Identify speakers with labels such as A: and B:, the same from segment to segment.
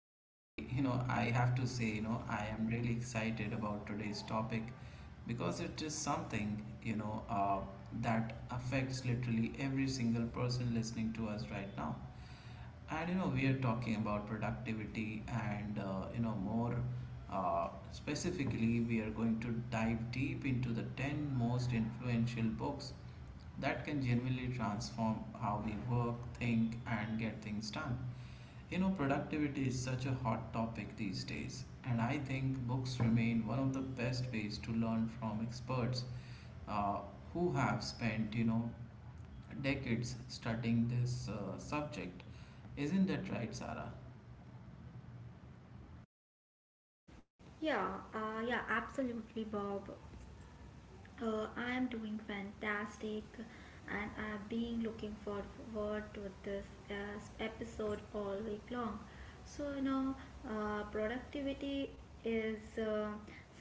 A: I, you know, I have to say, you know, I am really excited about today's topic because it is something, you know, that affects literally every single person listening to us right now, and you know, we are talking about productivity, and you know, more specifically, we are going to dive deep into the 10 most influential books that can genuinely transform how we work, think, and get things done. You know, productivity is such a hot topic these days, and I think books remain one of the best ways to learn from experts, uh, who have spent, you know, decades studying this subject. Isn't that right, Sarah?
B: Yeah, yeah, absolutely, Bob. I am doing fantastic, and I've been looking forward to this uh, episode all week long. So you know, Productivity is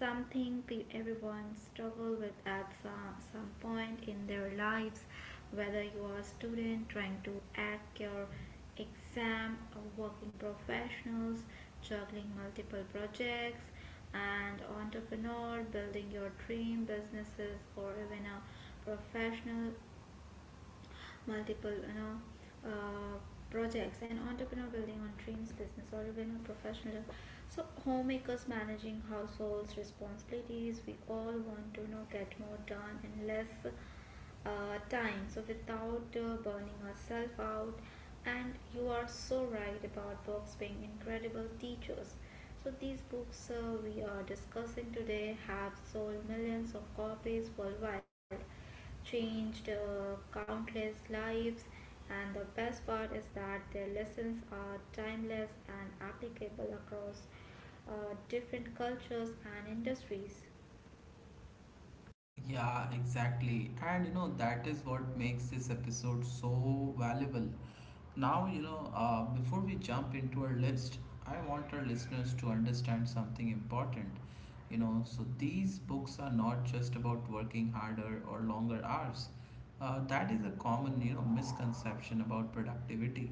B: something everyone struggle with at some point in their lives, whether you are a student trying to act your exam, working professionals, juggling multiple projects, and entrepreneur, building your dream businesses, or even a professional, multiple uh, projects, and entrepreneur building on dreams business or even a professional, so homemakers managing households responsibilities. We all want to get more done in less time, so without burning ourselves out. And you are so right about books being incredible teachers. So these books we are discussing today have sold millions of copies worldwide, changed countless lives, and the best part is that their lessons are timeless and applicable across uh, different cultures and industries.
A: Yeah, exactly. And you know, that is what makes this episode so valuable. Now, before we jump into our list, I want our listeners to understand something important. You know, so these books are not just about working harder or longer hours. That is a common, you know, misconception about productivity.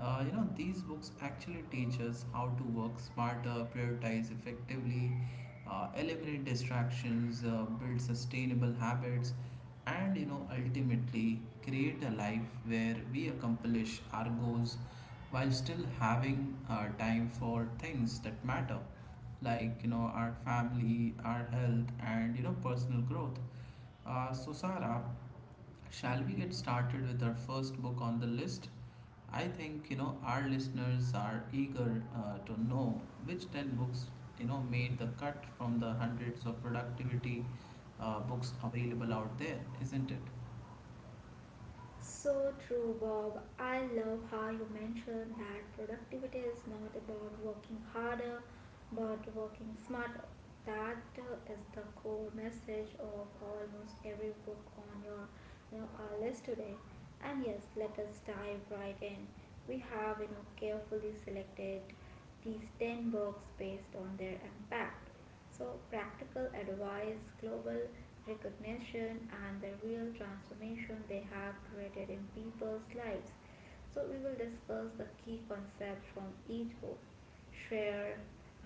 A: You know, these books actually teach us how to work smarter, prioritize effectively, eliminate distractions, build sustainable habits, and you know ultimately create a life where we accomplish our goals while still having time for things that matter, like you know our family, our health, and you know personal growth. So, Sarah, shall we get started with our first book on the list? I think you know our listeners are eager to know which 10 books you know made the cut from the hundreds of productivity books available out there, isn't it?
B: So true, Bob. I love how you mentioned that productivity is not about working harder but working smarter. That is the core message of almost every book on our list today. And yes, let us dive right in. We have carefully selected these 10 books based on their impact. So, practical advice, global recognition, and the real transformation they have created in people's lives. So, we will discuss the key concepts from each book, share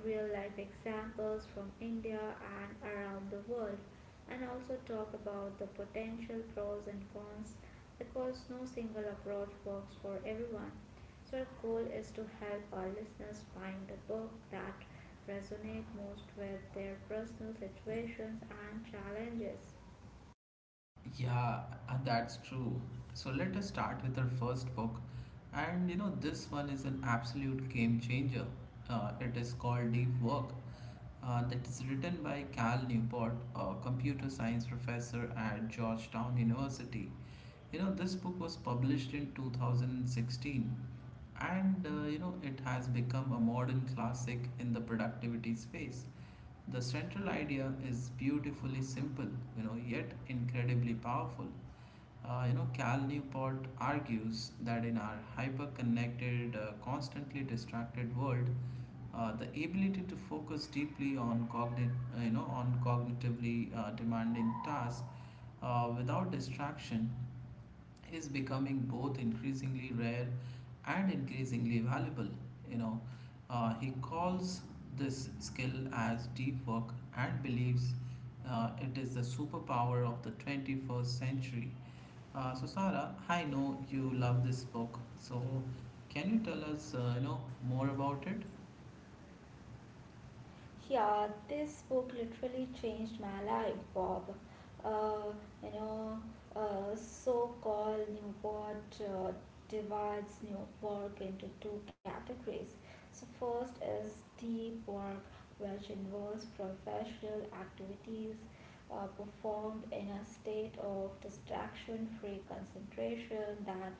B: real life examples from India and around the world, and also talk about the potential pros and cons because no single approach works for everyone. So, our goal is to help our listeners find the book that resonate most with their personal situations and challenges.
A: Yeah, that's true. So let us start with our first book. And you know, this one is an absolute game changer. It is called Deep Work. That is written by Cal Newport, a computer science professor at Georgetown University. You know, this book was published in 2016, and you know, it has become a modern classic in the productivity space. The central idea is beautifully simple, you know, yet incredibly powerful. You know, Cal Newport argues that in our hyper-connected, constantly distracted world, the ability to focus deeply on cognitively demanding tasks without distraction is becoming both increasingly rare and increasingly valuable. You know, he calls this skill as deep work and believes it is the superpower of the 21st century. So, Sarah, I know you love this book. So, can you tell us, more about it?
B: Yeah, this book literally changed my life, Bob. Uh, you know, So-called Newport divides new work into two categories. So first is deep work, which involves professional activities performed in a state of distraction-free concentration that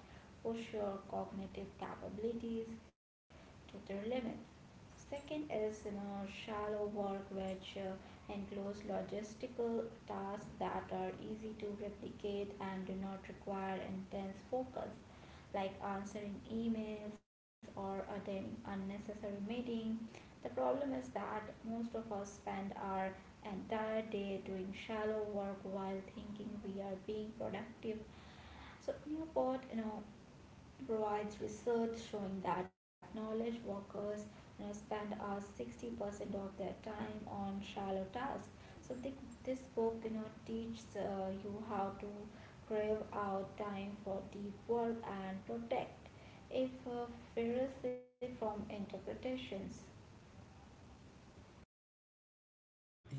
B: push your cognitive capabilities to their limits. Second is shallow work which includes logistical tasks that are easy to replicate and do not require intense focus, like answering emails or attending unnecessary meeting. The problem is that most of us spend our entire day doing shallow work while thinking we are being productive. So Newport, provides research showing that knowledge workers spend 60% of their time on shallow tasks. So this book teaches you how to crave out time for deep work and protect it fiercely from interpretations.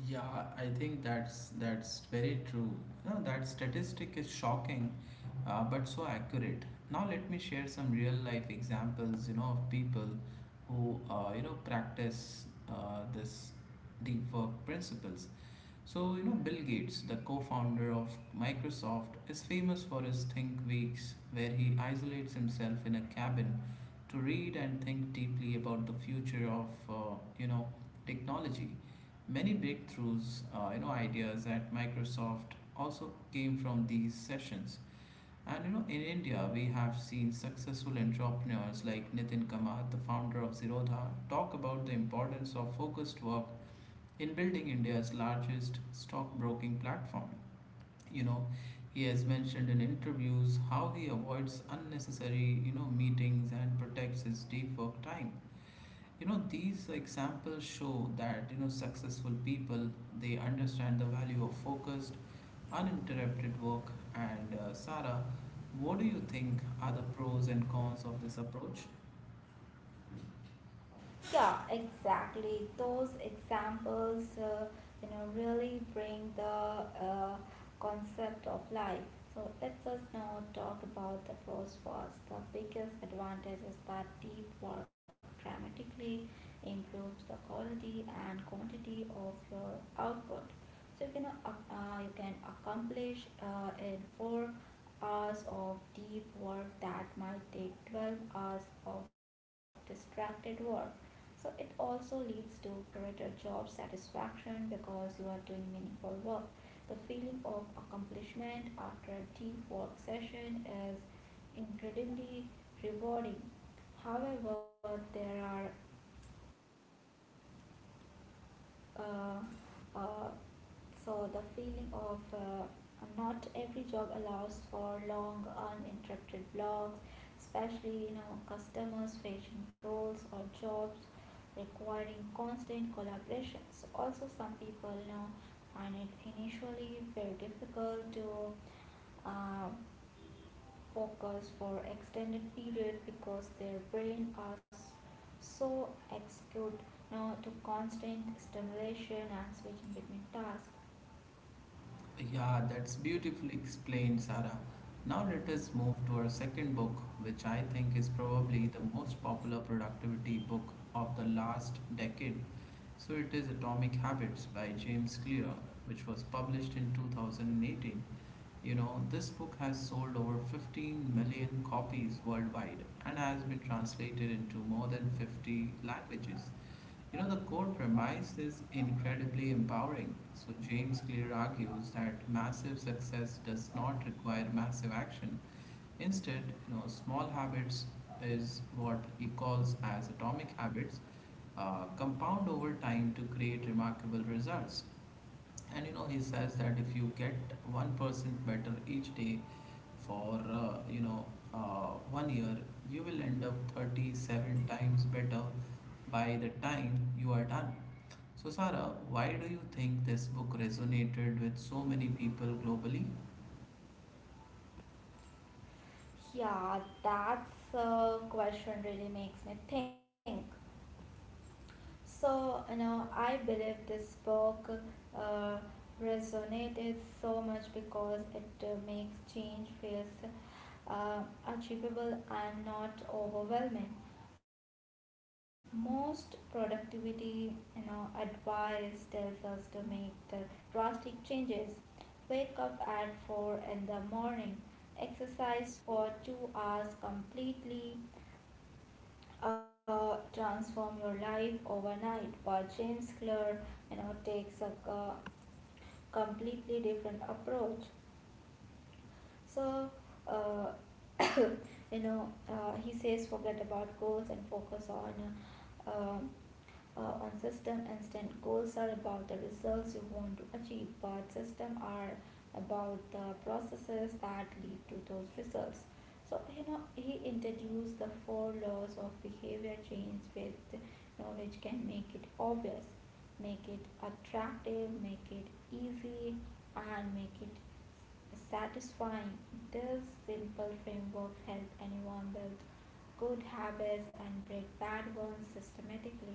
A: Yeah, I think that's very true. No, that statistic is shocking, but so accurate. Now let me share some real life examples, you know, of people who you know practice this deep work principles. So you know, Bill Gates, the co-founder of Microsoft, is famous for his Think Weeks, where he isolates himself in a cabin to read and think deeply about the future of you know technology. Many breakthroughs, you know, ideas at Microsoft also came from these sessions. And you know, in India, we have seen successful entrepreneurs like Nitin Kamath, the founder of Zerodha, talk about the importance of focused work in building India's largest stockbroking platform. You know, he has mentioned in interviews how he avoids unnecessary you know meetings and protects his deep work time. You know, these examples show that you know successful people, they understand the value of focused, uninterrupted work. And Sarah, what do you think are the pros and cons of this approach?
B: Yeah, exactly. Those examples, really bring the concept of life. So let us now talk about the pros first. The biggest advantage is that deep work dramatically improves the quality and quantity of your output. So you can accomplish in 4 hours of deep work that might take 12 hours of distracted work. So it also leads to greater job satisfaction because you are doing meaningful work. The feeling of accomplishment after a deep work session is incredibly rewarding. However, there are uh, uh, so the feeling of not every job allows for long uninterrupted blocks, especially customers facing roles or jobs requiring constant collaborations. Also some people find it initially very difficult to uh, focus for extended period because their brain are so accustomed now to constant stimulation and switching between tasks.
A: Yeah, that's beautifully explained, Sarah. Now let us move to our second book, which I think is probably the most popular productivity book of the last decade. So it is Atomic Habits by James Clear, which was published in 2018. You know, this book has sold over 15 million copies worldwide and has been translated into more than 50 languages. You know, the core premise is incredibly empowering. So, James Clear argues that massive success does not require massive action. Instead, you know, small habits is what he calls as atomic habits, compound over time to create remarkable results, and you know he says that if you get 1% better each day for uh, 1 year, you will end up 37 times better by the time you are done. So Sarah, why do you think this book resonated with so many people globally?
B: Yeah, that's a question really makes me think. I believe this book uh, resonated so much because it makes change feels uh, achievable and not overwhelming. Most productivity advice tells us to make the drastic changes. Wake up at 4 in the morning, exercise for 2 hours completely, transform your life overnight. But James Clear takes a completely different approach. So uh, he says forget about goals and focus uh, uh, on system and stand. Goals are about the results you want to achieve but system are about the processes that lead to those results. So he introduced the four laws of behavior change with which can make it obvious, make it attractive, make it easy, and make it satisfying. This simple framework help anyone build good habits and break bad ones systematically.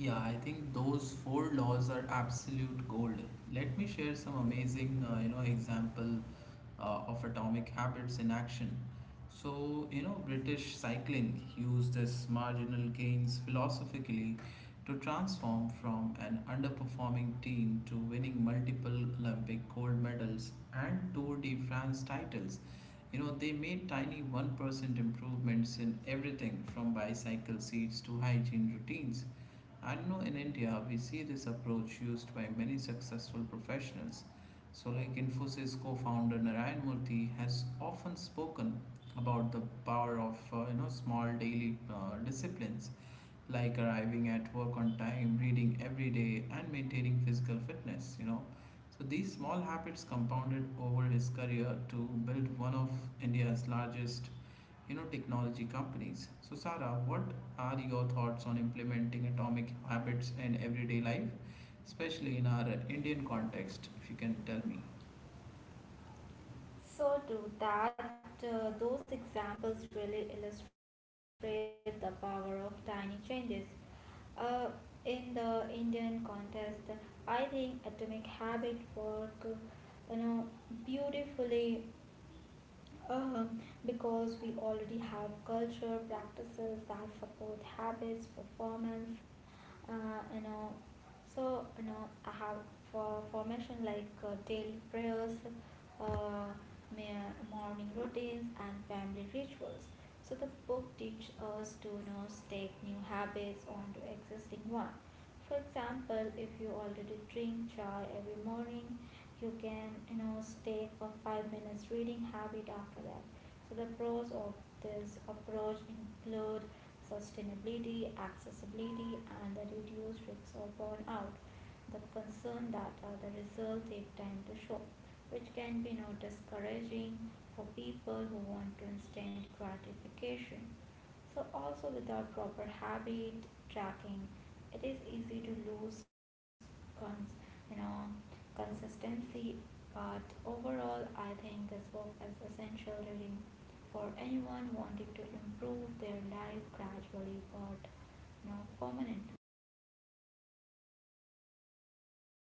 A: Yeah, I think those four laws are absolute gold. Let me share some amazing, example of atomic habits in action. So, you know, British cycling used this marginal gains philosophically to transform from an underperforming team to winning multiple Olympic gold medals and Tour de France titles. You know, they made tiny 1% improvements in everything from bicycle seats to hygiene routines. And no, in India, we see this approach used by many successful professionals. So, like Infosys co-founder Narayan Murthy has often spoken about the power of you know small daily disciplines like arriving at work on time, reading every day, and maintaining physical fitness. You know, so these small habits compounded over his career to build one of India's largest you know technology companies. So Sarah, what are your thoughts on implementing atomic habits in everyday life, especially in our Indian context? If you can tell me.
B: So do that Those examples really illustrate the power of tiny changes. Uh, in the Indian context, I think Atomic Habit work, you know, beautifully, um, because we already have culture practices that support habits, performance, uh, you know. So I have formation like daily prayers, uh, morning routines, and family rituals. So the book teaches us to take new habits onto existing one. For example, if you already drink chai every morning, you can stay for 5 minutes reading habit after that. So the pros of this approach include sustainability, accessibility, and the reduced risk of burnout. The concern data, the results take time to show, which can be discouraging for people who want to instant gratification. So, also without proper habit tracking, it is easy to lose cons- you know consistency. But overall, I think this book is essential reading for anyone wanting to improve their life gradually but permanently.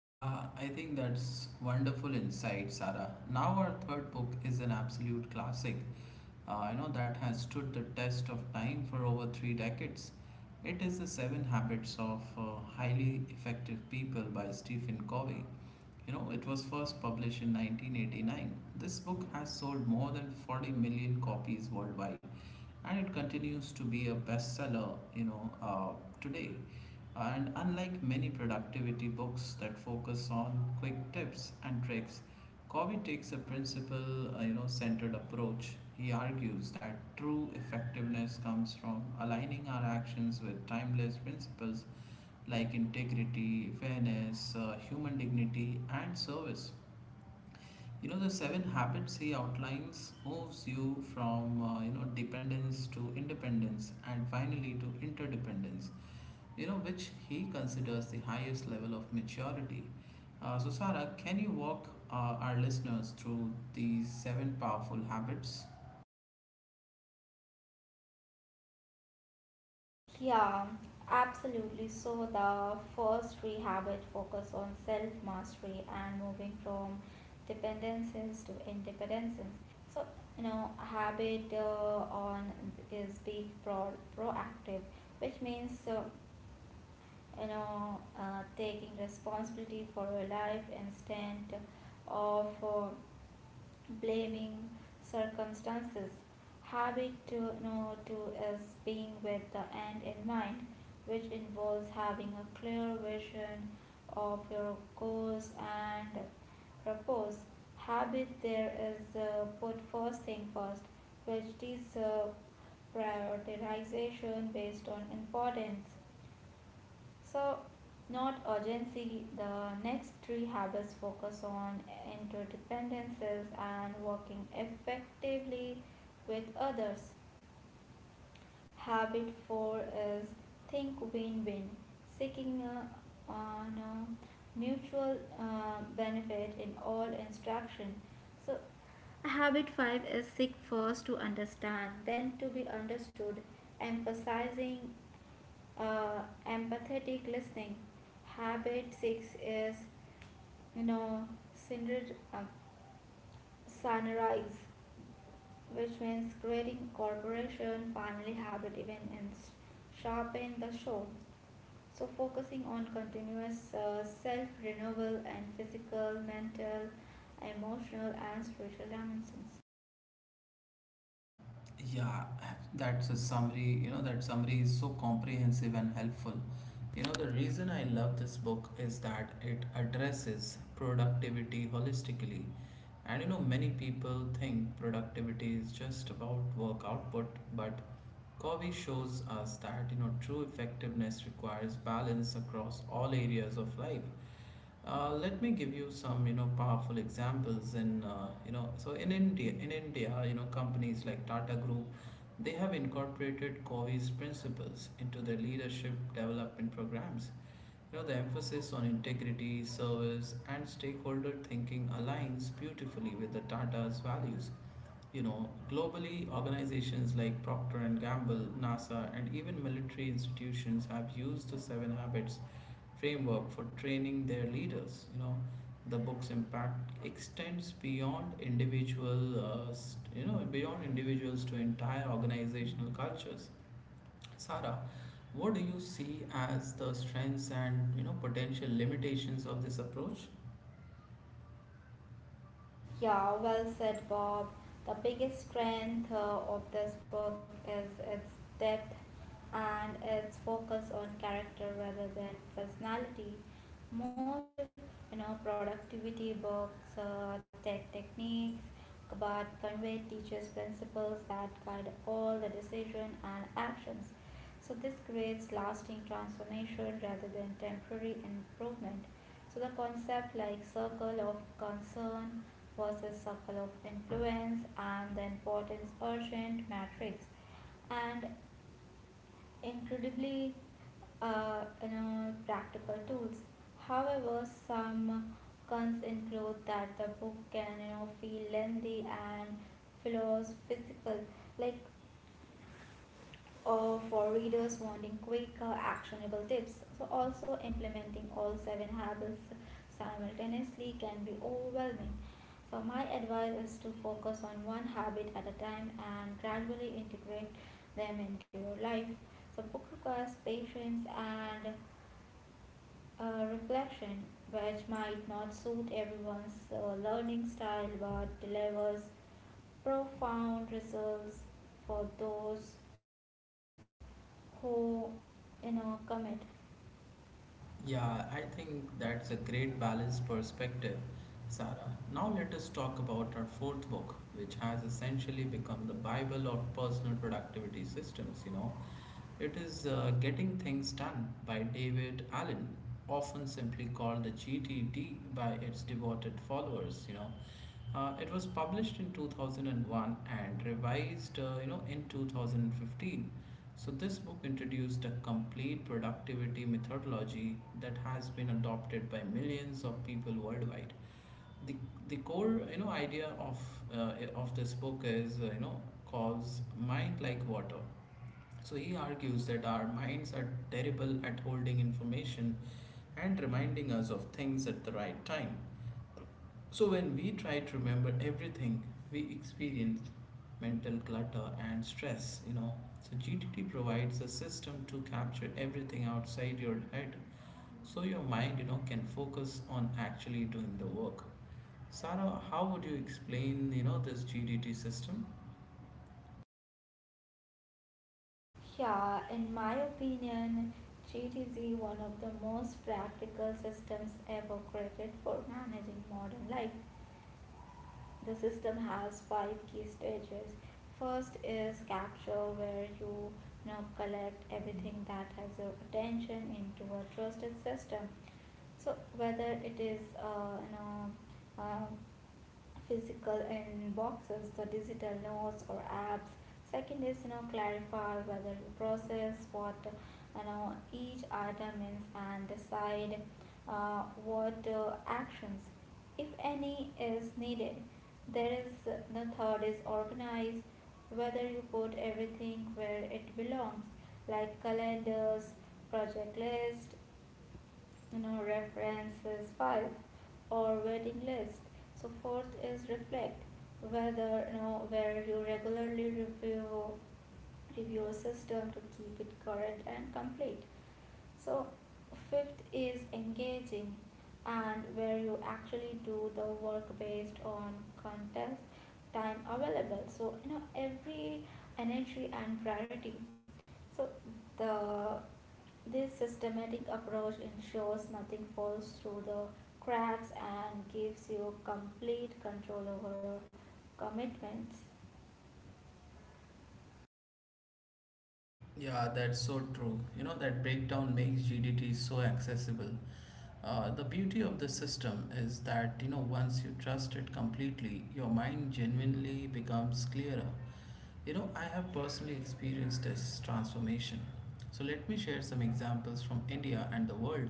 A: Yeah, I think that's wonderful insight, Sarah. Now our third book is an absolute classic. You know, that has stood the test of time for over three decades. It is the Seven Habits of Highly Effective People by Stephen Covey. You know, it was first published in 1989. This book has sold more than 40 million copies worldwide and it continues to be a bestseller, today. And unlike many productivity books that focus on quick tips and tricks, Covey takes a principle, centered approach. He argues that true effectiveness comes from aligning our actions with timeless principles like integrity, fairness, human dignity, and service. You know, the seven habits he outlines moves you from you know dependence to independence, and finally to interdependence. You know, which he considers the highest level of maturity. So, Sarah, can you walk our listeners through these seven powerful habits?
B: Yeah, absolutely. So the first three rehabit focus on self-mastery and moving from dependences to independences. So habit on is being proactive, which means taking responsibility for your life instead of blaming circumstances. Habit to you know to is being with the end in mind, which involves having a clear vision of your goals and purpose. Habit there is put first thing first, which is prioritization based on importance. So, not urgency, the next three habits focus on interdependencies and working effectively with others. Habit 4 is think win win, seeking on a mutual benefit in all instruction. So, Habit 5 is seek first to understand, then to be understood, emphasizing uh, empathetic listening. Habit six is, you know, syner- uh, synergize, which means creating cooperation, family habit, even and sharpen the show. So focusing on continuous self renewal and physical, mental, emotional, and spiritual dimensions.
A: Yeah, that's a summary. You know, that summary is so comprehensive and helpful. You know, the reason I love this book is that it addresses productivity holistically. And you know, many people think productivity is just about work output, but Covey shows us that, you know, true effectiveness requires balance across all areas of life. Let me give you some, you know, powerful examples in, in India, you know, companies like Tata Group, they have incorporated Covey's principles into their leadership development programs. You know, the emphasis on integrity, service, and stakeholder thinking aligns beautifully with the Tata's values. You know, globally, organizations like Procter and Gamble, NASA, and even military institutions have used the seven habits framework for training their leaders. You know, the book's impact extends beyond individual, beyond individuals to entire organizational cultures. Sarah, what do you see as the strengths and you know potential limitations of this approach?
B: Yeah, well said, Bob. The biggest strength of this book is its depth and its focus on character rather than personality. Most, Productivity books take techniques but Conway teaches principles that guide all the decision and actions. So, this creates lasting transformation rather than temporary improvement. So, the concept like circle of concern versus circle of influence and the importance urgent matrix and incredibly practical tools. However, some cons include that the book can feel lengthy and philosophical. Like for readers wanting quick, actionable tips. So, also implementing all seven habits simultaneously can be overwhelming. So, my advice is to focus on one habit at a time and gradually integrate them into your life. So, book requires patience and a reflection, which might not suit everyone's learning style but delivers profound results for those who commit.
A: Yeah, I think that's a great balanced perspective, Sarah. Now let us talk about our fourth book, which has essentially become the Bible of personal productivity systems, you know. It is Getting Things Done by David Allen, often simply called the GTD by its devoted followers, you know. It was published in 2001 and one and revised, in 2015. So this book introduced a complete productivity methodology that has been adopted by millions of people worldwide. The, the core, you know, idea of this book is, calls mind like water. So he argues that our minds are terrible at holding information and reminding us of things at the right time. So when we try to remember everything, we experience mental clutter and stress, you know. So GTT provides a system to capture everything outside your head so your mind, you know, can focus on actually doing the work. Sarah, how would you explain, you know, this GDT system?
B: Yeah, in my opinion, GTZ one of the most practical systems ever created for managing modern life. The system has five key stages. First is capture, where you now collect everything that has your attention into a trusted system. So whether it is uh, physical in boxes, the digital notes or apps. Second is clarify, whether you process what each item means and decide what actions if any is needed. The third is organize, whether you put everything where it belongs, like calendars, project list, references. Five or waiting list, so fourth is reflect, whether where you regularly review a system to keep it current and complete. So fifth is engaging, and where you actually do the work based on context, time available, so every energy and priority. So the this systematic approach ensures nothing falls through the cracks and gives you complete control over your commitments.
A: Yeah, that's so true. You know, that breakdown makes GDT so accessible. The beauty of the system is that, you know, once you trust it completely, your mind genuinely becomes clearer. You know, I have personally experienced this transformation. So, let me share some examples from India and the world.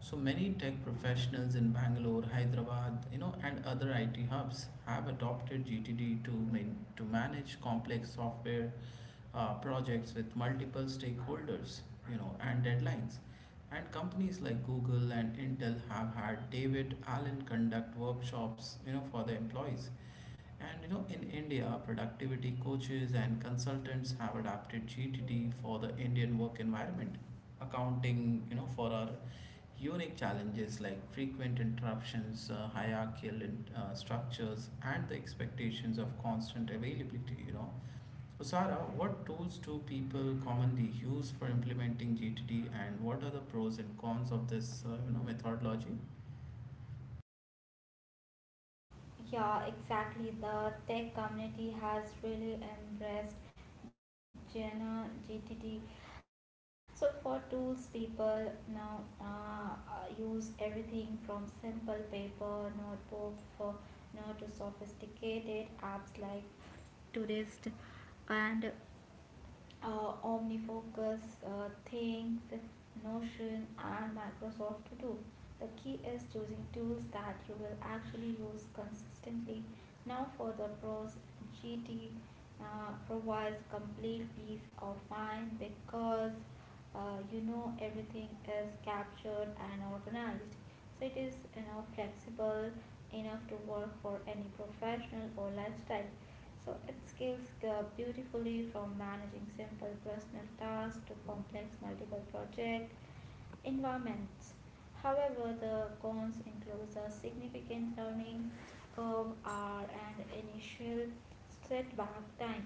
A: So, many tech professionals in Bangalore, Hyderabad, you know, and other IT hubs have adopted GTD to manage complex software projects with multiple stakeholders, you know, and deadlines. And companies like Google and Intel have had David Allen conduct workshops, you know, for their employees. And you know, in India, productivity coaches and consultants have adapted GTD for the Indian work environment, accounting, you know, for our unique challenges like frequent interruptions, uh, hierarchical structures, and the expectations of constant availability. You know, so Sara, what tools do people commonly use for implementing GTD, and what are the pros and cons of this methodology?
B: Yeah, exactly. The tech community has really embraced Jena GTD. So for tools, people now use everything from simple paper notebook for to sophisticated apps like Tourist and OmniFocus, Things, Notion, and Microsoft To Do. The key is choosing tools that you will actually use consistently. Now, for the pros, GT provides complete peace of mind because everything is captured and organized, so it is flexible enough to work for any professional or lifestyle. So it scales beautifully from managing simple personal tasks to complex multiple project environments. However, the cons include a significant learning curve r and initial setback time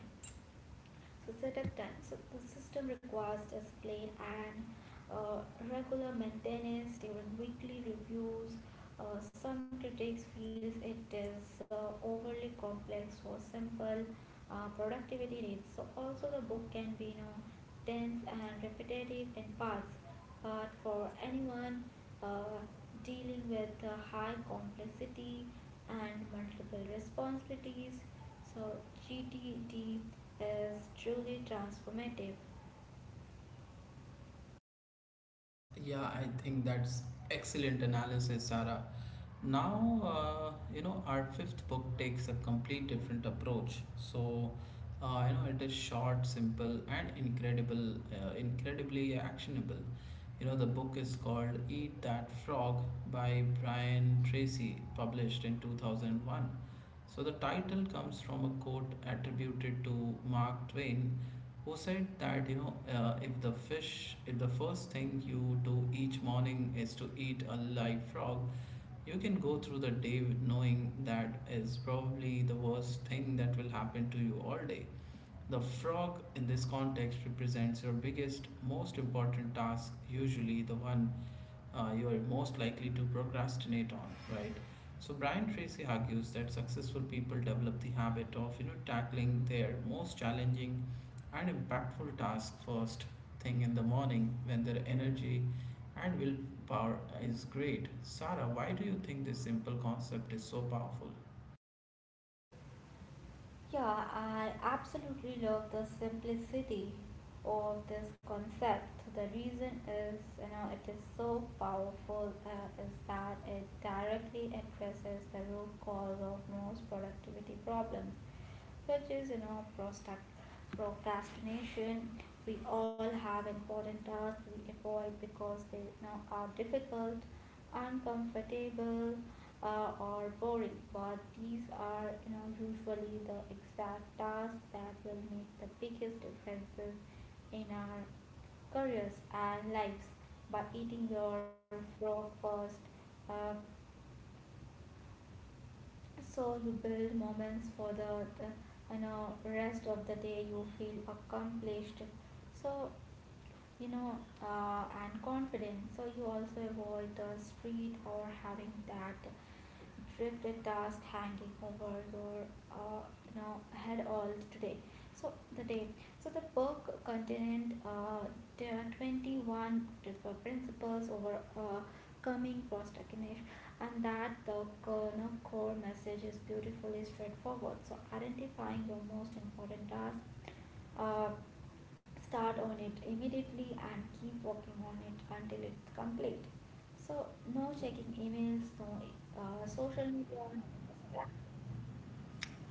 B: so setup time. So the system requires discipline and uh, regular maintenance during weekly reviews. Some critics feels it is overly complex for simple productivity needs. So also the book can be dense and repetitive in parts, but for anyone uh, dealing with high complexity and multiple responsibilities, so GTD is truly transformative.
A: Yeah, I think that's excellent analysis, Sarah. Now, you know, our fifth book takes a complete different approach. So, you know, it is short, simple, and incredibly actionable. You know, the book is called Eat That Frog by Brian Tracy, published in 2001. So the title comes from a quote attributed to Mark Twain who said that, you know, if the first thing you do each morning is to eat a live frog, you can go through the day with knowing that is probably the worst thing that will happen to you all day. The frog in this context represents your biggest, most important task, usually the one you are most likely to procrastinate on, right? So Brian Tracy argues that successful people develop the habit of, you know, tackling their most challenging and impactful task first thing in the morning when their energy and willpower is great. Sarah, why do you think this simple concept is so powerful?
B: Yeah, I absolutely love the simplicity of this concept. The reason is, you know, it is so powerful is that it directly addresses the root cause of most productivity problems, which is, you know, procrastination. We all have important tasks we avoid because they, you know, are difficult uncomfortable or boring, but these are you know usually the exact tasks that will make the biggest differences in our careers and lives by eating your frog first. Uh, so you build moments for the you know rest of the day you feel accomplished. So you know and confident. So you also avoid the street or having that drifted task hanging over your uh, you know head all today so the day so the book contained there are 21 different principles over coming procrastination, and that the you know, core message is beautifully straightforward so identifying your most important task, uh, start on it immediately and keep working on it until it's complete. So, no checking emails, no social media, no distractions.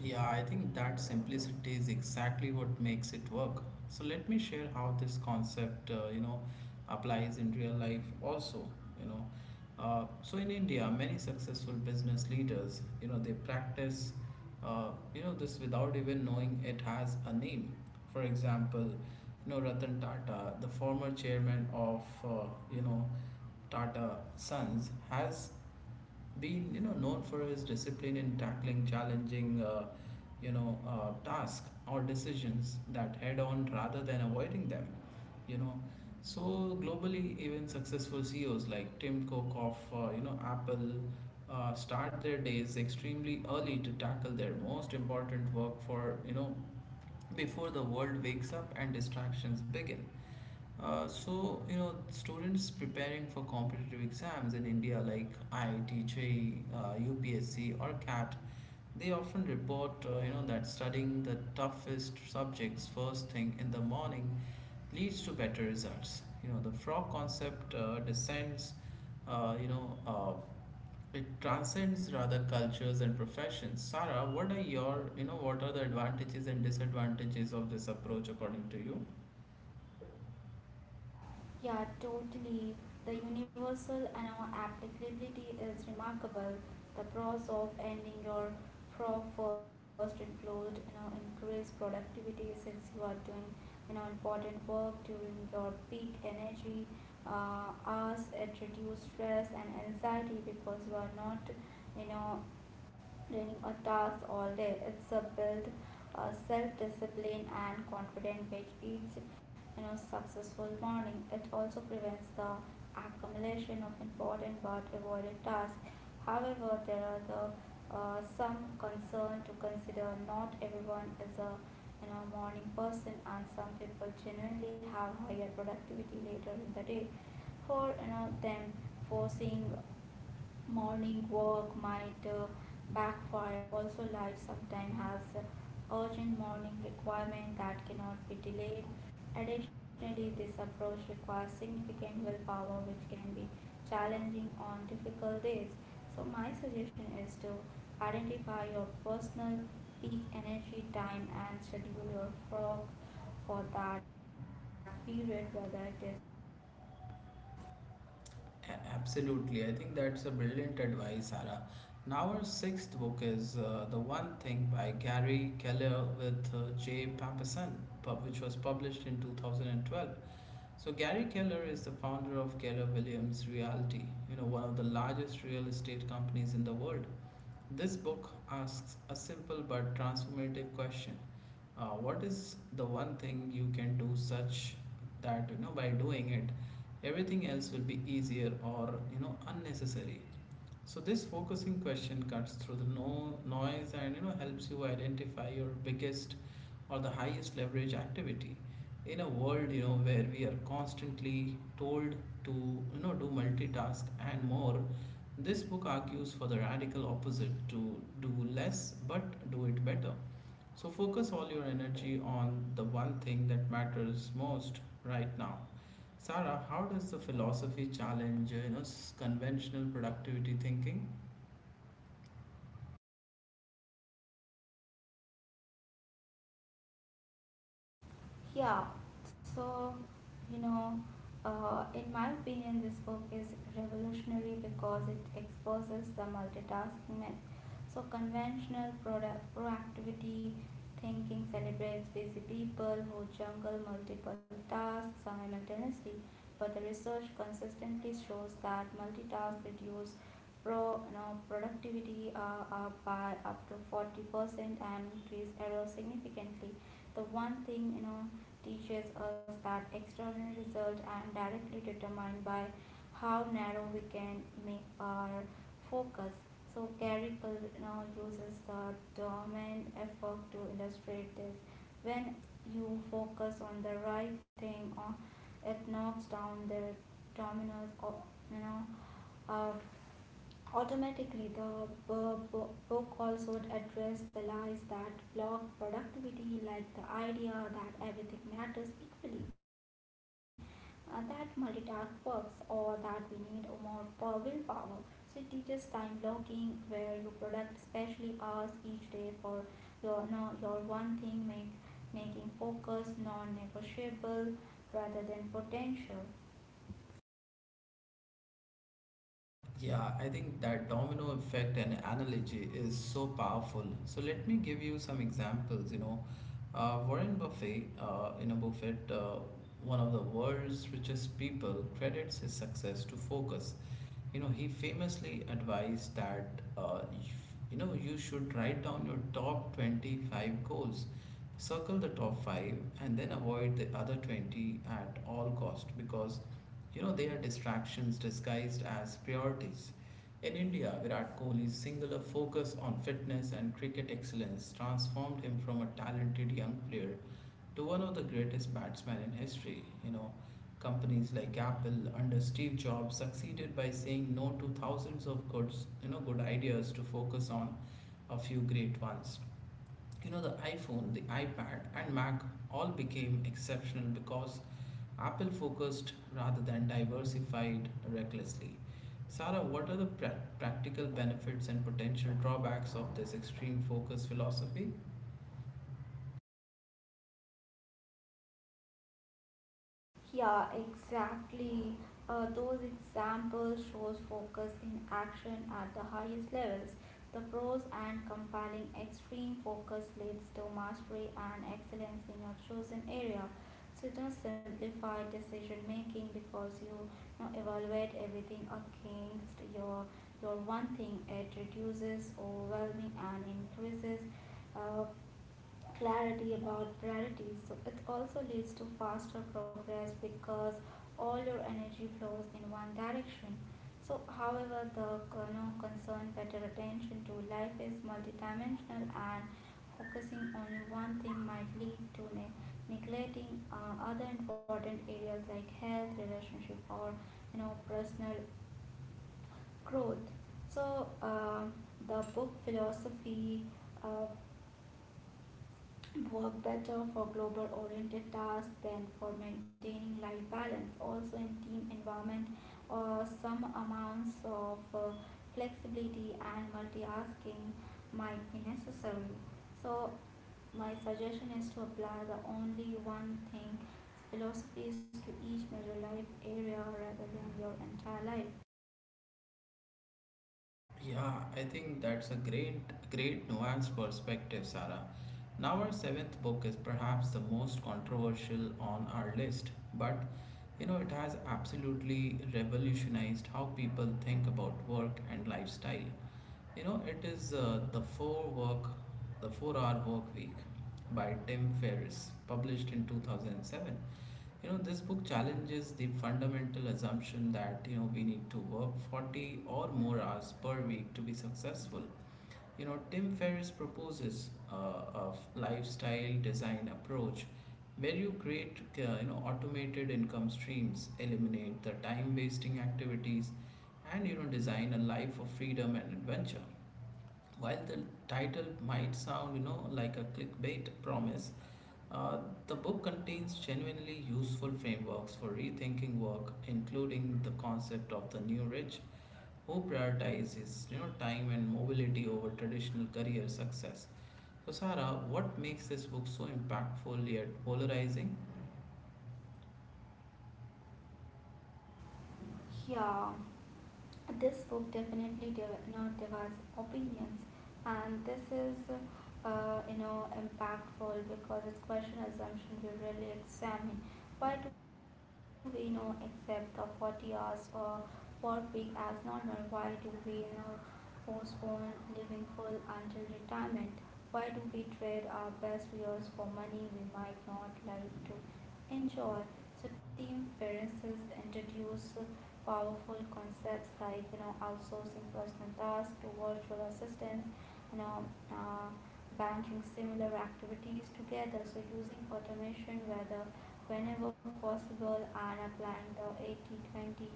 A: Yeah, I think that simplicity is exactly what makes it work. So let me share how this concept, you know, applies in real life also, you know. So in India, many successful business leaders, you know, they practice, you know, this without even knowing it has a name. For example, you know, Ratan Tata, the former chairman of, you know, Tata Sons, has been, you know, known for his discipline in tackling challenging tasks or decisions that head on rather than avoiding them, you know. So globally, even successful CEOs like Tim Cook of, you know, Apple start their days extremely early to tackle their most important work, for you know, before the world wakes up and distractions begin. So you know, students preparing for competitive exams in India like IIT, UPSC, or CAT, they often report, you know, that studying the toughest subjects first thing in the morning leads to better results. You know, the frog concept descends, you know it transcends rather cultures and professions. Sarah, what are your, what are the advantages and disadvantages of this approach, according to you?
B: Yeah, totally. The universal and our applicability is remarkable. The pros of ending your frog first and closed, you know, increase productivity since you are doing, you know, important work during your peak energy hours. It reduces stress and anxiety because you are not, you know, doing a task all day. It's a build self-discipline and confidence with each you know successful morning. It also prevents the accumulation of important but avoided tasks. However, there are the some concern to consider. Not everyone is a you know morning person, and some people generally have higher productivity later in the day. For you know them, forcing morning walk might backfire. Also, life sometimes has urgent morning requirement that cannot be delayed. Additionally, this approach requires significant willpower, which can be challenging on difficult days. So, my suggestion is to identify your personal peak energy time and schedule your work for that period, whether it is morning, afternoon, or evening.
A: A- Absolutely. I think that's a brilliant advice, Sarah. Now, our sixth book is The One Thing by Gary Keller with Jay Papasan, which was published in 2012. So, Gary Keller is the founder of Keller Williams Realty, you know, one of the largest real estate companies in the world. This book asks a simple but transformative question. What is the one thing you can do such that, you know, by doing it, everything else will be easier or, you know, unnecessary. So this focusing question cuts through the no noise and, you know, helps you identify your biggest or the highest leverage activity. In a world, you know, where we are constantly told to, you know, do multitask and more, this book argues for the radical opposite: to do less but do it better. So focus all your energy on the one thing that matters most right now. Sarah, how does the philosophy challenge, you know, conventional productivity thinking?
B: Yeah, so you know, in my opinion, this book is revolutionary because it exposes the multitasking myth. So conventional proactivity thinking celebrates busy people who juggle multiple tasks simultaneously, but the research consistently shows that multitask reduce pro you know, productivity up by up to 40% and increase error significantly. The one thing you know teaches us that extraordinary results are directly determined by how narrow we can make our focus. So Gary now uses the domain effort to illustrate this. When you focus on the right thing, it knocks down the dominoes of you know uh, automatically. The book also addressed the lies that block productivity, like the idea that everything matters equally that multitask works or that we need more willpower. So it teaches time blocking where you product specially hours each day for your no, your one thing make making focus non-negotiable rather than potential.
A: Yeah, I think that domino effect and analogy is so powerful. So let me give you some examples. You know, Warren Buffett, one of the world's richest people, credits his success to focus. You know, he famously advised that, you know, you should write down your top 25 goals, circle the top five, and then avoid the other 20 at all cost, because, you know, they are distractions disguised as priorities. In India, Virat Kohli's singular focus on fitness and cricket excellence transformed him from a talented young player to one of the greatest batsmen in history. You know, companies like Apple under Steve Jobs succeeded by saying no to thousands of good ideas to focus on a few great ones. You know, the iPhone, the iPad, and Mac all became exceptional because Apple focused rather than diversified recklessly. Sarah, what are the practical benefits and potential drawbacks of this extreme focus philosophy?
B: Yeah, exactly. Those examples shows focus in action at the highest levels. The pros and compelling extreme focus leads to mastery and excellence in your chosen area. So don't simplify decision making because you know, evaluate everything against your one thing. It reduces overwhelming and increases uh, clarity about priorities. So it also leads to faster progress because all your energy flows in one direction. So, however, the you know, concern better attention to life is multidimensional, and focusing only one thing might lead to neglecting other important areas like health, relationship, or you know personal growth. So, the book philosophy. Uh, work better for global oriented tasks than for maintaining life balance. Also, in team environment, some amounts of flexibility and multitasking might be necessary. So, my suggestion is to apply the only one thing philosophies to each major life area rather than your entire life.
A: Yeah, I think that's a great, great nuanced perspective, Sarah. Now, our seventh book is perhaps the most controversial on our list, but, you know, it has absolutely revolutionized how people think about work and lifestyle. You know, it is the 4 hour work week by Tim Ferriss, published in 2007. You know, this book challenges the fundamental assumption that, you know, we need to work 40 or more hours per week to be successful. You know, Tim Ferriss proposes a lifestyle design approach where you create, you know, automated income streams, eliminate the time-wasting activities, and, you know, design a life of freedom and adventure. While the title might sound, you know, like a clickbait promise, uh, the book contains genuinely useful frameworks for rethinking work, including the concept of the new rich, who prioritizes, you know, time and mobility over traditional career success. So, Sarah, what makes this book so impactful yet polarizing?
B: Yeah, this book definitely you know, divides opinions, and this is you know impactful because it's question assumption we really examine. Why do we you know accept the 40 hours work week as normal? Why do we now postpone living full until retirement? Why do we trade our best years for money we might not like to enjoy? So team Ferences introduce powerful concepts like you know outsourcing personal tasks to virtual assistants, you know. Banking similar activities together, so using automation whether whenever possible and applying the 80-20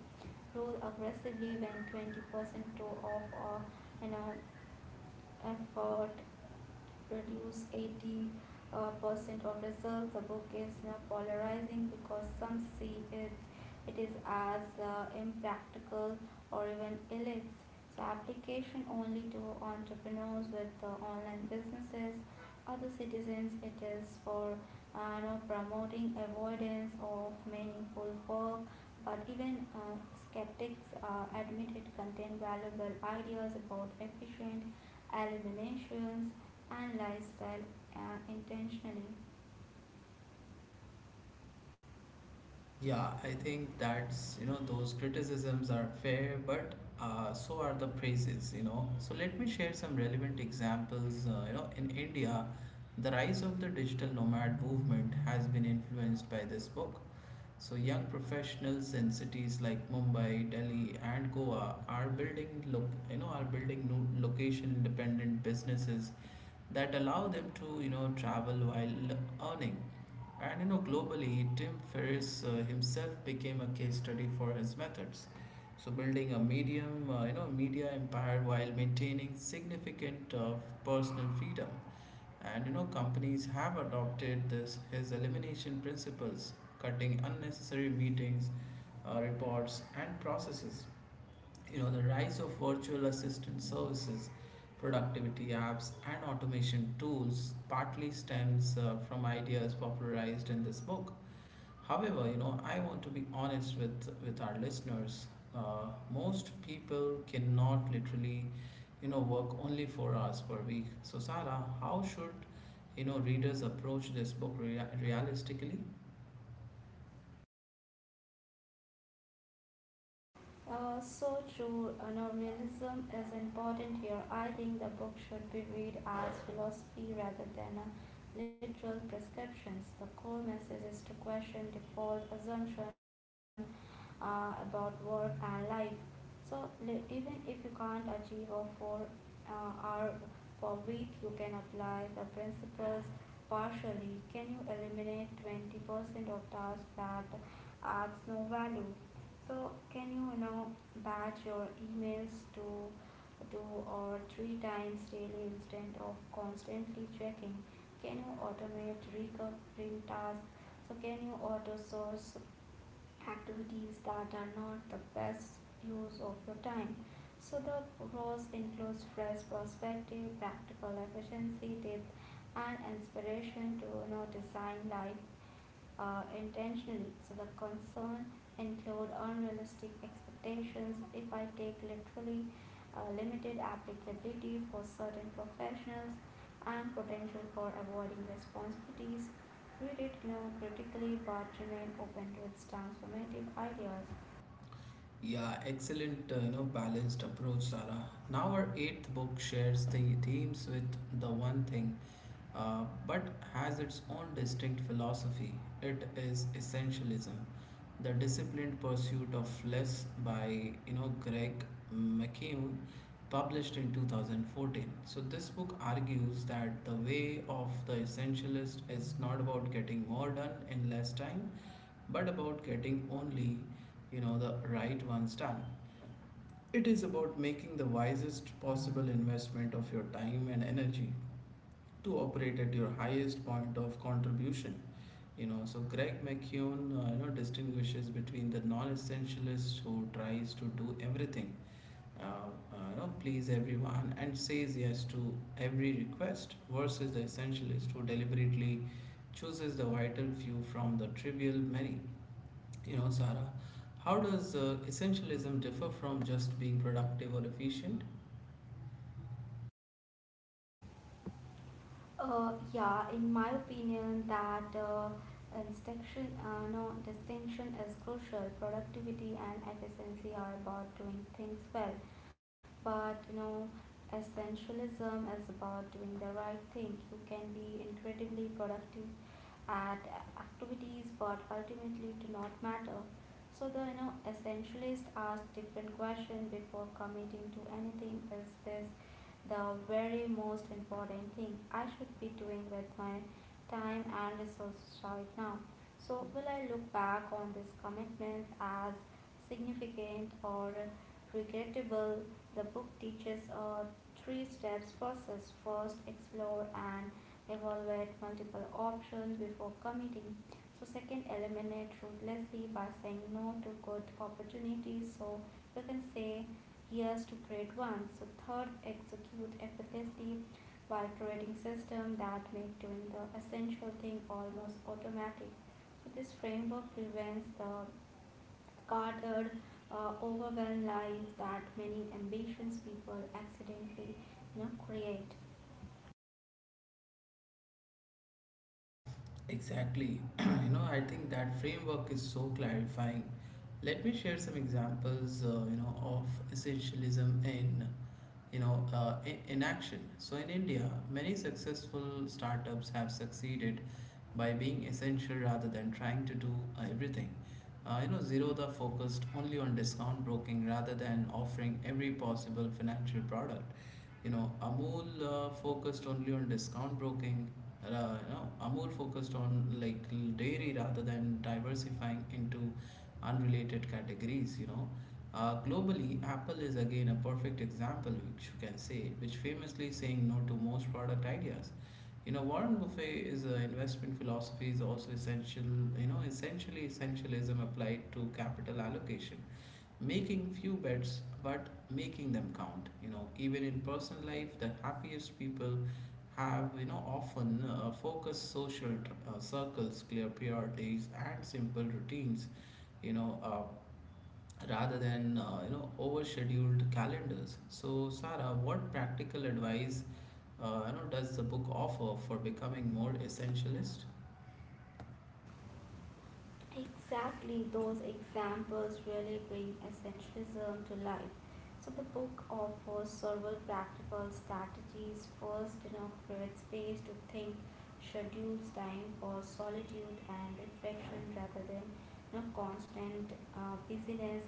B: rule aggressively when 20% of an effort produce 80% of results. The book is not polarizing because some see it is as impractical or even illicit. So application only to entrepreneurs with online businesses other citizens. It is for you promoting avoidance of meaningful work. But even skeptics admit it contains valuable ideas about efficient eliminations and lifestyle intentionally.
A: Yeah, I think that's, you know, those criticisms are fair, but so are the praises, you know. So let me share some relevant examples. You know, in India, the rise of the digital nomad movement has been influenced by this book. So young professionals in cities like Mumbai, Delhi, and Goa are building look, you know, are building no, location-dependent businesses that allow them to, you know, travel while earning. And you know, globally, Tim Ferriss himself became a case study for his methods. So building a you know, media empire while maintaining significant personal freedom. And you know, companies have adopted this his elimination principles, cutting unnecessary meetings, reports, and processes. You know, the rise of virtual assistant services, productivity apps, and automation tools partly stems from ideas popularized in this book. However, you know, I want to be honest with our listeners. Uh, most people cannot literally, you know, work only 4 hours per week. So Sarah, how should, you know, readers approach this book realistically?
B: So true, novelism is important here. I think the book should be read as philosophy rather than a literal prescriptions. The core message is to question default assumption about work and life. So even if you can't achieve a four hour per week, you can apply the principles partially. Can you eliminate 20% of tasks that adds no value? So can you now batch your emails to two or three times daily instead of constantly checking? Can you automate recurring tasks? So can you auto source activities that are not the best use of your time. So the pros includes fresh perspective, practical efficiency tips, and inspiration to you know, design life intentionally. So the concern include unrealistic expectations. If I take literally limited applicability for certain professionals, and potential for avoiding responsibilities. Read it you know, critically but remain open to its transformative ideas.
A: Yeah, excellent, you know, balanced approach, Sarah. Now, our eighth book shares the themes with the one thing, but has its own distinct philosophy. It is essentialism, the disciplined pursuit of less, by, you know, Greg McKeown, published in 2014. So this book argues that the way of the essentialist is not about getting more done in less time, but about getting only, you know, the right ones done. It is about making the wisest possible investment of your time and energy to operate at your highest point of contribution. You know, so Greg McKeown, you know, distinguishes between the non-essentialist who tries to do everything, uh, you know, please everyone and says yes to every request, versus the essentialist who deliberately chooses the vital few from the trivial many. You know, Sarah, how does essentialism differ from just being productive or efficient?
B: Yeah, in my opinion, that distinction, no, distinction is crucial. Productivity and efficiency are about doing things well, but you know, essentialism is about doing the right thing. You can be incredibly productive at activities, but ultimately do not matter. So the you know essentialist ask different question before committing to anything. Is this the very most important thing I should be doing with my time and resources right now? So will I look back on these commitments as significant or regrettable? The book teaches a three steps process. First, explore and evaluate multiple options before committing. So second, eliminate ruthlessly by saying no to good opportunities. So you can say yes to great ones. So third, execute effortlessly by creating system that make doing the essential thing almost automatic. So this framework prevents the cluttered, overwhelmed life that many ambitious people accidentally you know create.
A: Exactly. You know, I think that framework is so clarifying. Let me share some examples, you know, of essentialism in action. So in India, many successful startups have succeeded by being essential rather than trying to do everything. You know, Zerodha focused only on discount broking rather than offering every possible financial product. You know, Amul focused only on discount broking, uh, you know, are more focused on like dairy rather than diversifying into unrelated categories. You know, globally, Apple is again a perfect example, which you can say, which famously saying no to most product ideas. You know, Warren Buffet is a investment philosophy is also essential. You know, essentially essentialism applied to capital allocation, making few bets but making them count. You know, even in personal life, the happiest people have, you know, often focused social circles, clear priorities, and simple routines, you know, rather than, you know, overscheduled calendars. So Sarah, what practical advice, you know, does the book offer for becoming more essentialist?
B: Exactly, those examples really bring essentialism to life. So the book offers several practical strategies. First, you know, create space to think, schedules time for solitude and reflection rather than you know, constant busyness.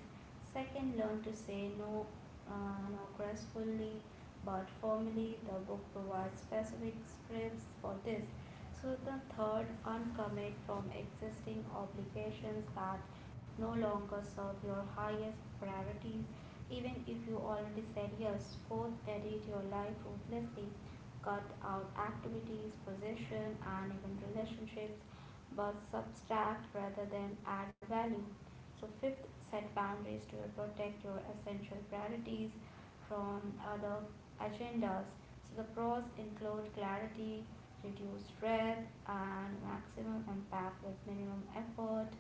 B: Second, learn to say no, no gracefully but firmly. The book provides specific scripts for this so the third, uncommit from existing obligations that no longer serve your highest priorities, even if you already said yes. Fourth, edit your life ruthlessly. Cut out activities, position, and even relationships, but subtract rather than add value. So fifth, set boundaries to protect your essential priorities from other agendas. So the pros include clarity, reduced breath, and maximum impact with minimum effort.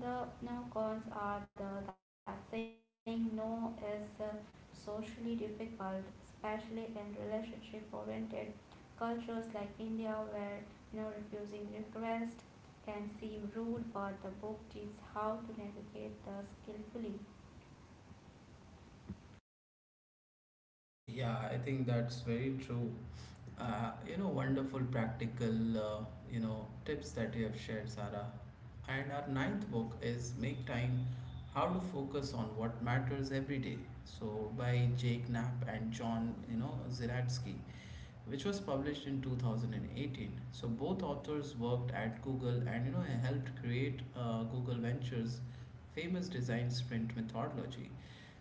B: The no cons are the that saying no is socially difficult, especially in relationship-oriented cultures like India, where you know refusing request can seem rude, but the book teaches how to navigate this skillfully.
A: Yeah, I think that's very true. You know, wonderful practical, you know, tips that you have shared, Sarah. And our ninth book is Make Time: How to Focus on What Matters Every Day. So, by Jake Knapp and John, Ziratsky, which was published in 2018. So, both authors worked at Google and, helped create Google Ventures' famous design sprint methodology.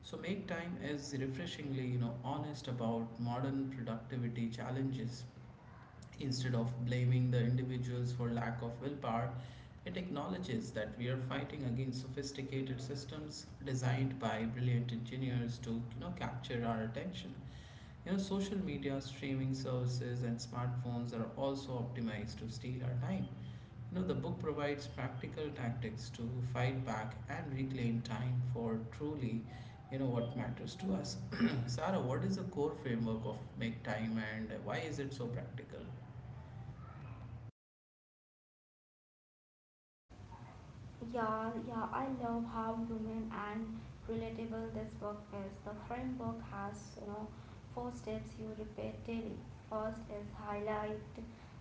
A: So make time is refreshingly, honest about modern productivity challenges. Instead of blaming the individuals for lack of willpower, it acknowledges that we are fighting against sophisticated systems designed by brilliant engineers to capture our attention. Social media, streaming services, and smartphones are also optimized to steal our time. The book provides practical tactics to fight back and reclaim time for truly, what matters to us. Sarah, what is the core framework of Make Time and why is it so practical?
B: Yeah, I love how human and relatable this book is. The framework has, you know, four steps you repeat daily. First is highlight,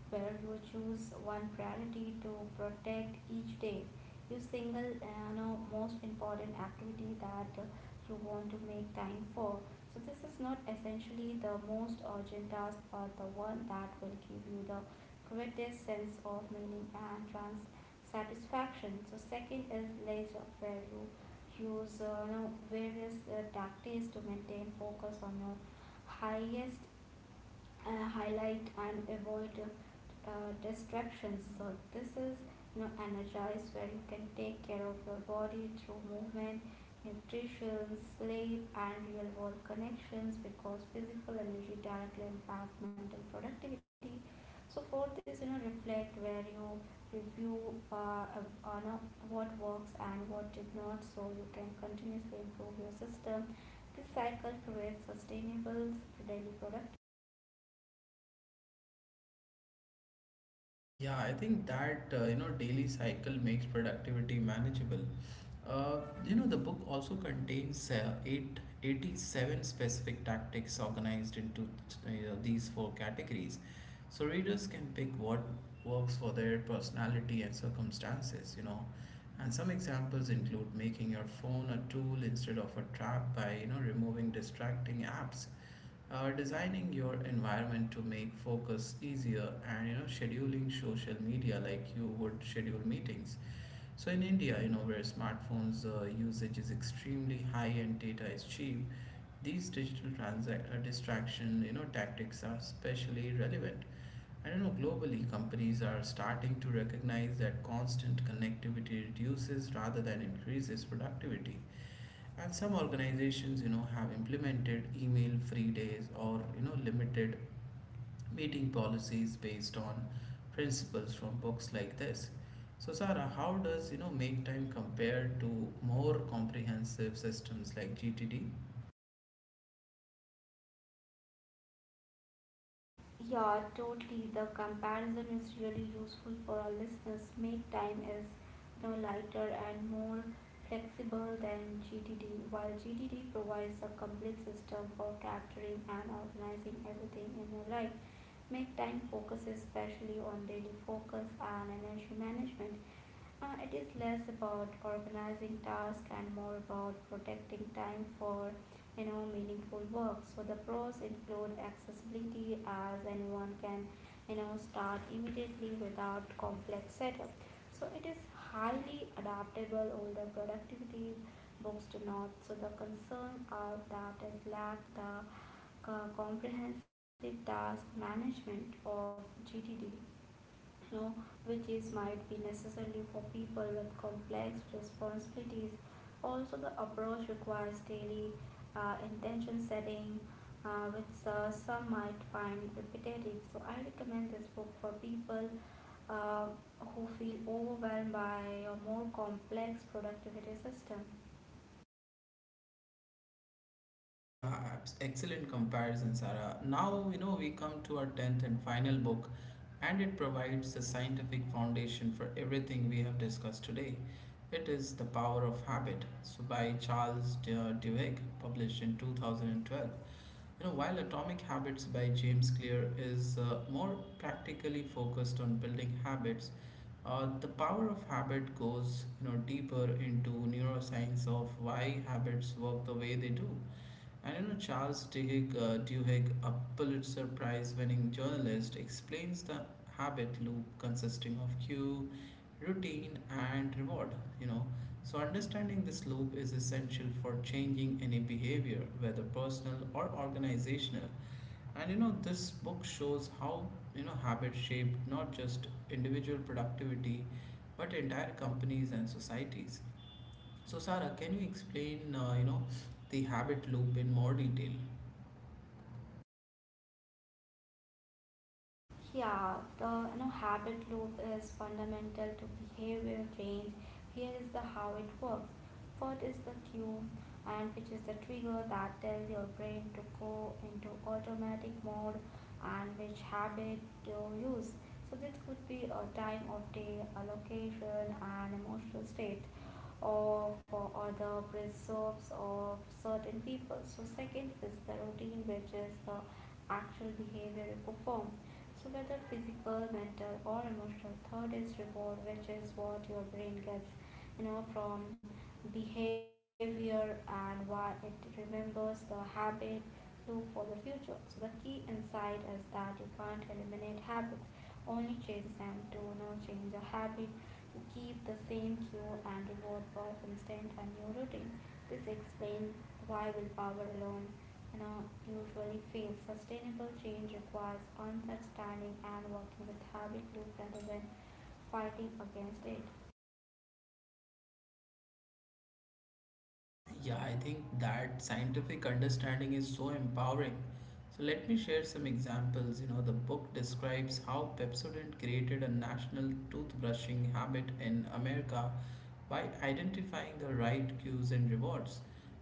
B: where you choose one priority to protect each day. You single, you know, most important activity that you want to make time for. So this is not essentially the most urgent task, but the one that will give you the greatest sense of meaning and trans satisfaction. So second is leisure, where you use you know, various tactics to maintain focus on your highest highlight and avoid distractions. So this is you know energize where you can take care of your body through movement, nutrition, sleep, and real world connections because physical energy directly impacts mental productivity. So for this, you know, reflect where you review on what works and what did not, so you can continuously improve your system. This cycle creates sustainable daily productivity.
A: Yeah, I think that daily cycle makes productivity manageable. Uh, the book also contains 87 specific tactics organized into these four categories, so readers can pick what works for their personality and circumstances. And some examples include making your phone a tool instead of a trap by removing distracting apps, designing your environment to make focus easier, and scheduling social media like you would schedule meetings. So in india, where smartphones usage is extremely high and data is cheap, these distraction tactics are especially relevant. I don't know, globally companies are starting to recognize that constant connectivity reduces rather than increases productivity, and some organizations, have implemented email free days or, limited meeting policies based on principles from books like this. So, Sarah, how does, make time compare to more comprehensive systems like GTD?
B: Yeah, totally. The comparison is really useful for our listeners. Make time is you know, lighter and more flexible than GTD, while GTD provides a complete system for capturing and organizing everything in your life. Make time focuses especially on daily focus and energy management. It is less about organizing tasks and more about protecting time for meaningful work. So the pros include accessibility as anyone can start immediately without complex setup. So it is highly adaptable. Older productivity books do not. So the concern are that is lack the comprehensive task management of GTD, you know, which is might be necessarily for people with complex responsibilities. Also, the approach requires daily intention setting, which some might find repetitive. So, I recommend this book for people uh, who feel overwhelmed by a more complex productivity system.
A: Yeah, excellent comparison, Sarah. Now, we come to our 10th and final book, and it provides the scientific foundation for everything we have discussed today. It is The Power of Habit, so by Duhigg, published in 2012. You know, while Atomic Habits by James Clear is more practically focused on building habits, the power of habit goes, deeper into neuroscience of why habits work the way they do. And you know, Charles Duhigg, a Pulitzer Prize winning journalist, explains the habit loop consisting of cue, routine, and reward. You know, so understanding this loop is essential for changing any behavior, whether personal or organizational. And you know, this book shows how habit shaped not just individual productivity, but entire companies and societies. So, Sarah, can you explain, the habit loop in more detail?
B: Yeah, the habit loop is fundamental to behavior change. Here is the how it works. What is the cue and which is the trigger that tells your brain to go into automatic mode and which habit you use. So this could be a time of day, a location and emotional state of or for other preserves of certain people. So second is the routine which is the actual behavior you perform. So whether physical, mental or emotional. Third is reward which is what your brain gets from behavior and why it remembers the habit loop for the future. So the key insight is that you can't eliminate habits only change them. Do not change a habit. Keep the same cue and reward for instant and new routine. This explains why willpower alone usually fails. Sustainable change requires understanding and working with habit loop rather than fighting against it.
A: Yeah, I think that scientific understanding is so empowering. So let me share some examples. You know, the book describes how Pepsodent created a national toothbrushing habit in America by identifying the right cues and rewards.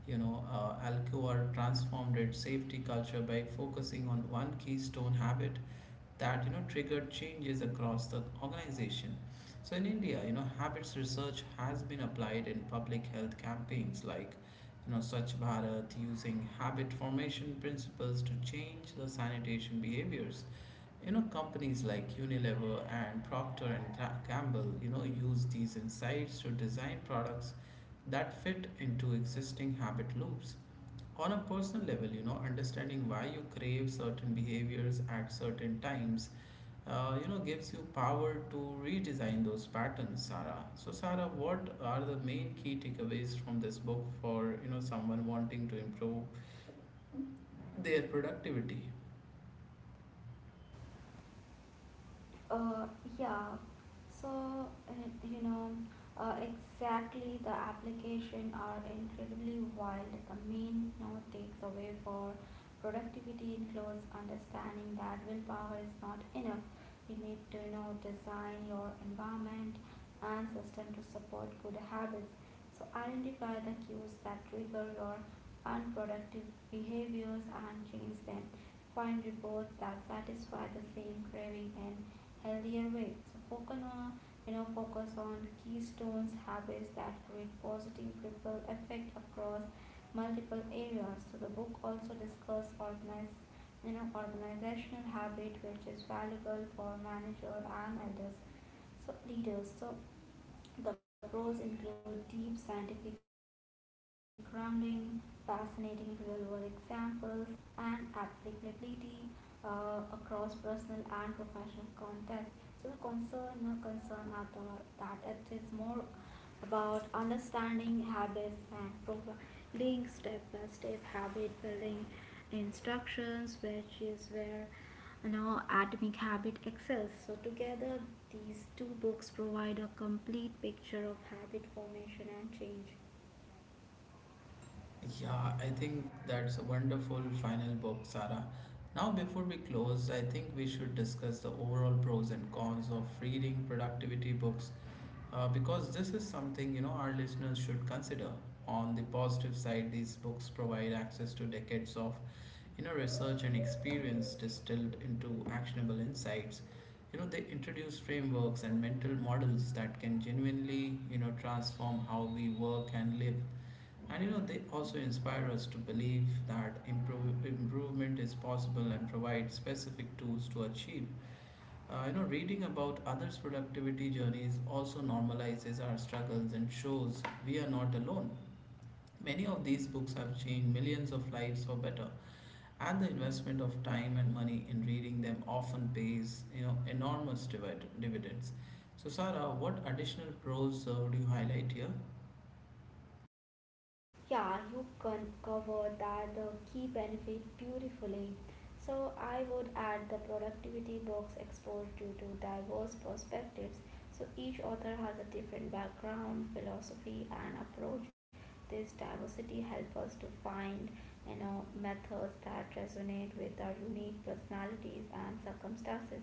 A: Alcoa transformed its safety culture by focusing on one keystone habit that triggered changes across the organization. So in India, habits research has been applied in public health campaigns like Swachh Bharat, using habit formation principles to change the sanitation behaviors. You know, companies like Unilever and Gamble, use these insights to design products that fit into existing habit loops. On a personal level, understanding why you crave certain behaviors at certain times gives you power to redesign those patterns, Sarah. So, Sarah, what are the main key takeaways from this book for someone wanting to improve their productivity?
B: Uh, yeah. So, exactly the application are incredibly wild. The main note takes away for productivity includes understanding that willpower is not enough. You need to design your environment and system to support good habits. So identify the cues that trigger your unproductive behaviors and change them. Find rewards that satisfy the same craving in healthier ways. So focus on focus on keystones habits that create positive ripple effect across multiple areas. So the book also discusses organize organizational habit which is valuable for managers and elders so leaders so the pros include deep scientific grounding, fascinating real world examples, and applicability across personal and professional contexts. So the concern are the, that it is more about understanding habits and providing step by step habit building instructions, which is where Atomic Habit excels. So, together, these two books provide a complete picture of habit formation and change.
A: Yeah, I think that's a wonderful final book, Sarah. Now, before we close, I think we should discuss the overall pros and cons of reading productivity books because this is something our listeners should consider. On the positive side, these books provide access to decades of research and experience distilled into actionable insights. You know they introduce frameworks and mental models that can genuinely transform how we work and live. And you know they also inspire us to believe that improvement is possible and provide specific tools to achieve. Reading about others' productivity journeys also normalizes our struggles and shows we are not alone. Many of these books have changed millions of lives for better, and the investment of time and money in reading them often pays, enormous dividends. So, Sarah, what additional pros would you highlight here?
B: Yeah, you can cover that the key benefit beautifully. So I would add the productivity box due to diverse perspectives. So each author has a different background, philosophy and approach. This diversity helps us to find methods that resonate with our unique personalities and circumstances.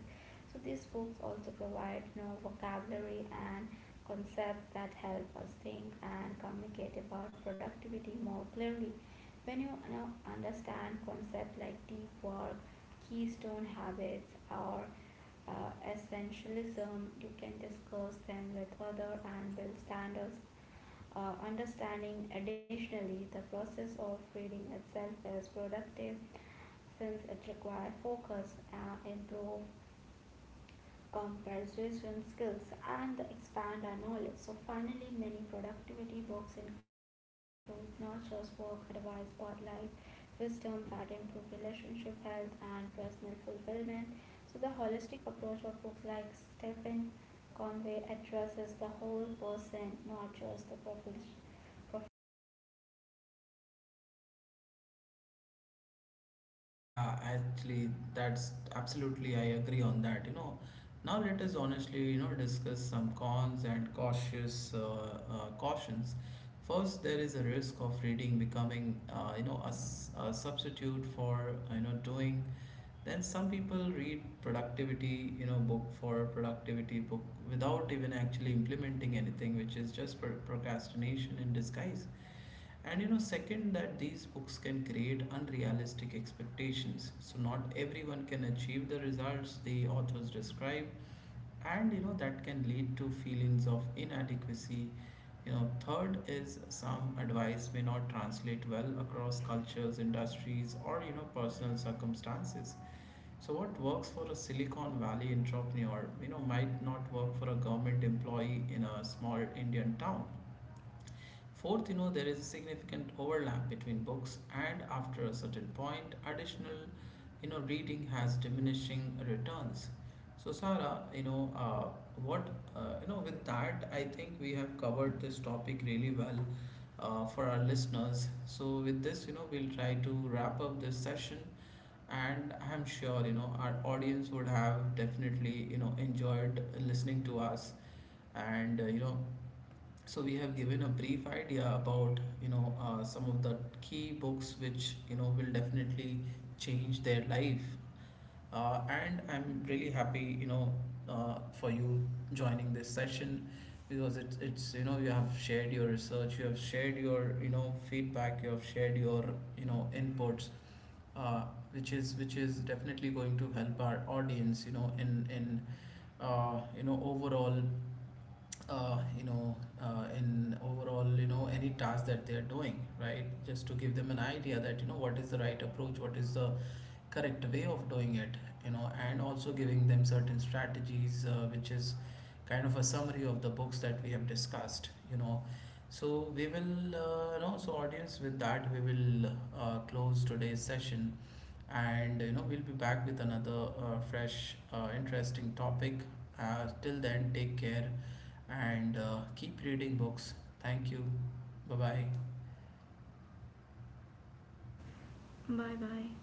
B: So these books also provide vocabulary and concepts that help us think and communicate about productivity more clearly. When you, understand concepts like deep work, keystone habits, or essentialism, you can discuss them with others and build standards understanding additionally the process of reading itself is productive since it requires focus improve compares skills and expand our knowledge. So finally, many productivity books include not just work advice but life wisdom that improve relationship health and personal fulfillment. So the holistic approach of books like Stephen Conway addresses the whole person, not just the profession.
A: Yeah, actually, that's absolutely, I agree on that. Now let us honestly, discuss some cons and cautious cautions. First, there is a risk of reading becoming, a substitute for, doing. Then some people read productivity, book for productivity book without even actually implementing anything, which is just procrastination in disguise. And you know, second, that these books can create unrealistic expectations. So, not everyone can achieve the results the authors describe, and you know, that can lead to feelings of inadequacy. You know, third is some advice may not translate well across cultures, industries, or personal circumstances. So, what works for a Silicon Valley entrepreneur, might not work for a government employee in a small Indian town. Fourth, there is a significant overlap between books, and after a certain point, additional, reading has diminishing returns. So, Sarah, what, with that, I think we have covered this topic really well for our listeners. So, with this, we'll try to wrap up this session, and I'm sure, our audience would have definitely, enjoyed listening to us, and, so we have given a brief idea about some of the key books which will definitely change their life, and I'm really happy for you joining this session, because it's you have shared your research, you have shared your feedback, you have shared your inputs, uh, which is definitely going to help our audience in overall, uh, you know in overall, any task that they're doing, right, just to give them an idea that what is the right approach, what is the correct way of doing it, and also giving them certain strategies which is kind of a summary of the books that we have discussed. So we will, so audience, with that we will close today's session, and you know we'll be back with another fresh interesting topic. Till then, take care, and keep reading books. Thank you. Bye bye.
B: Bye bye.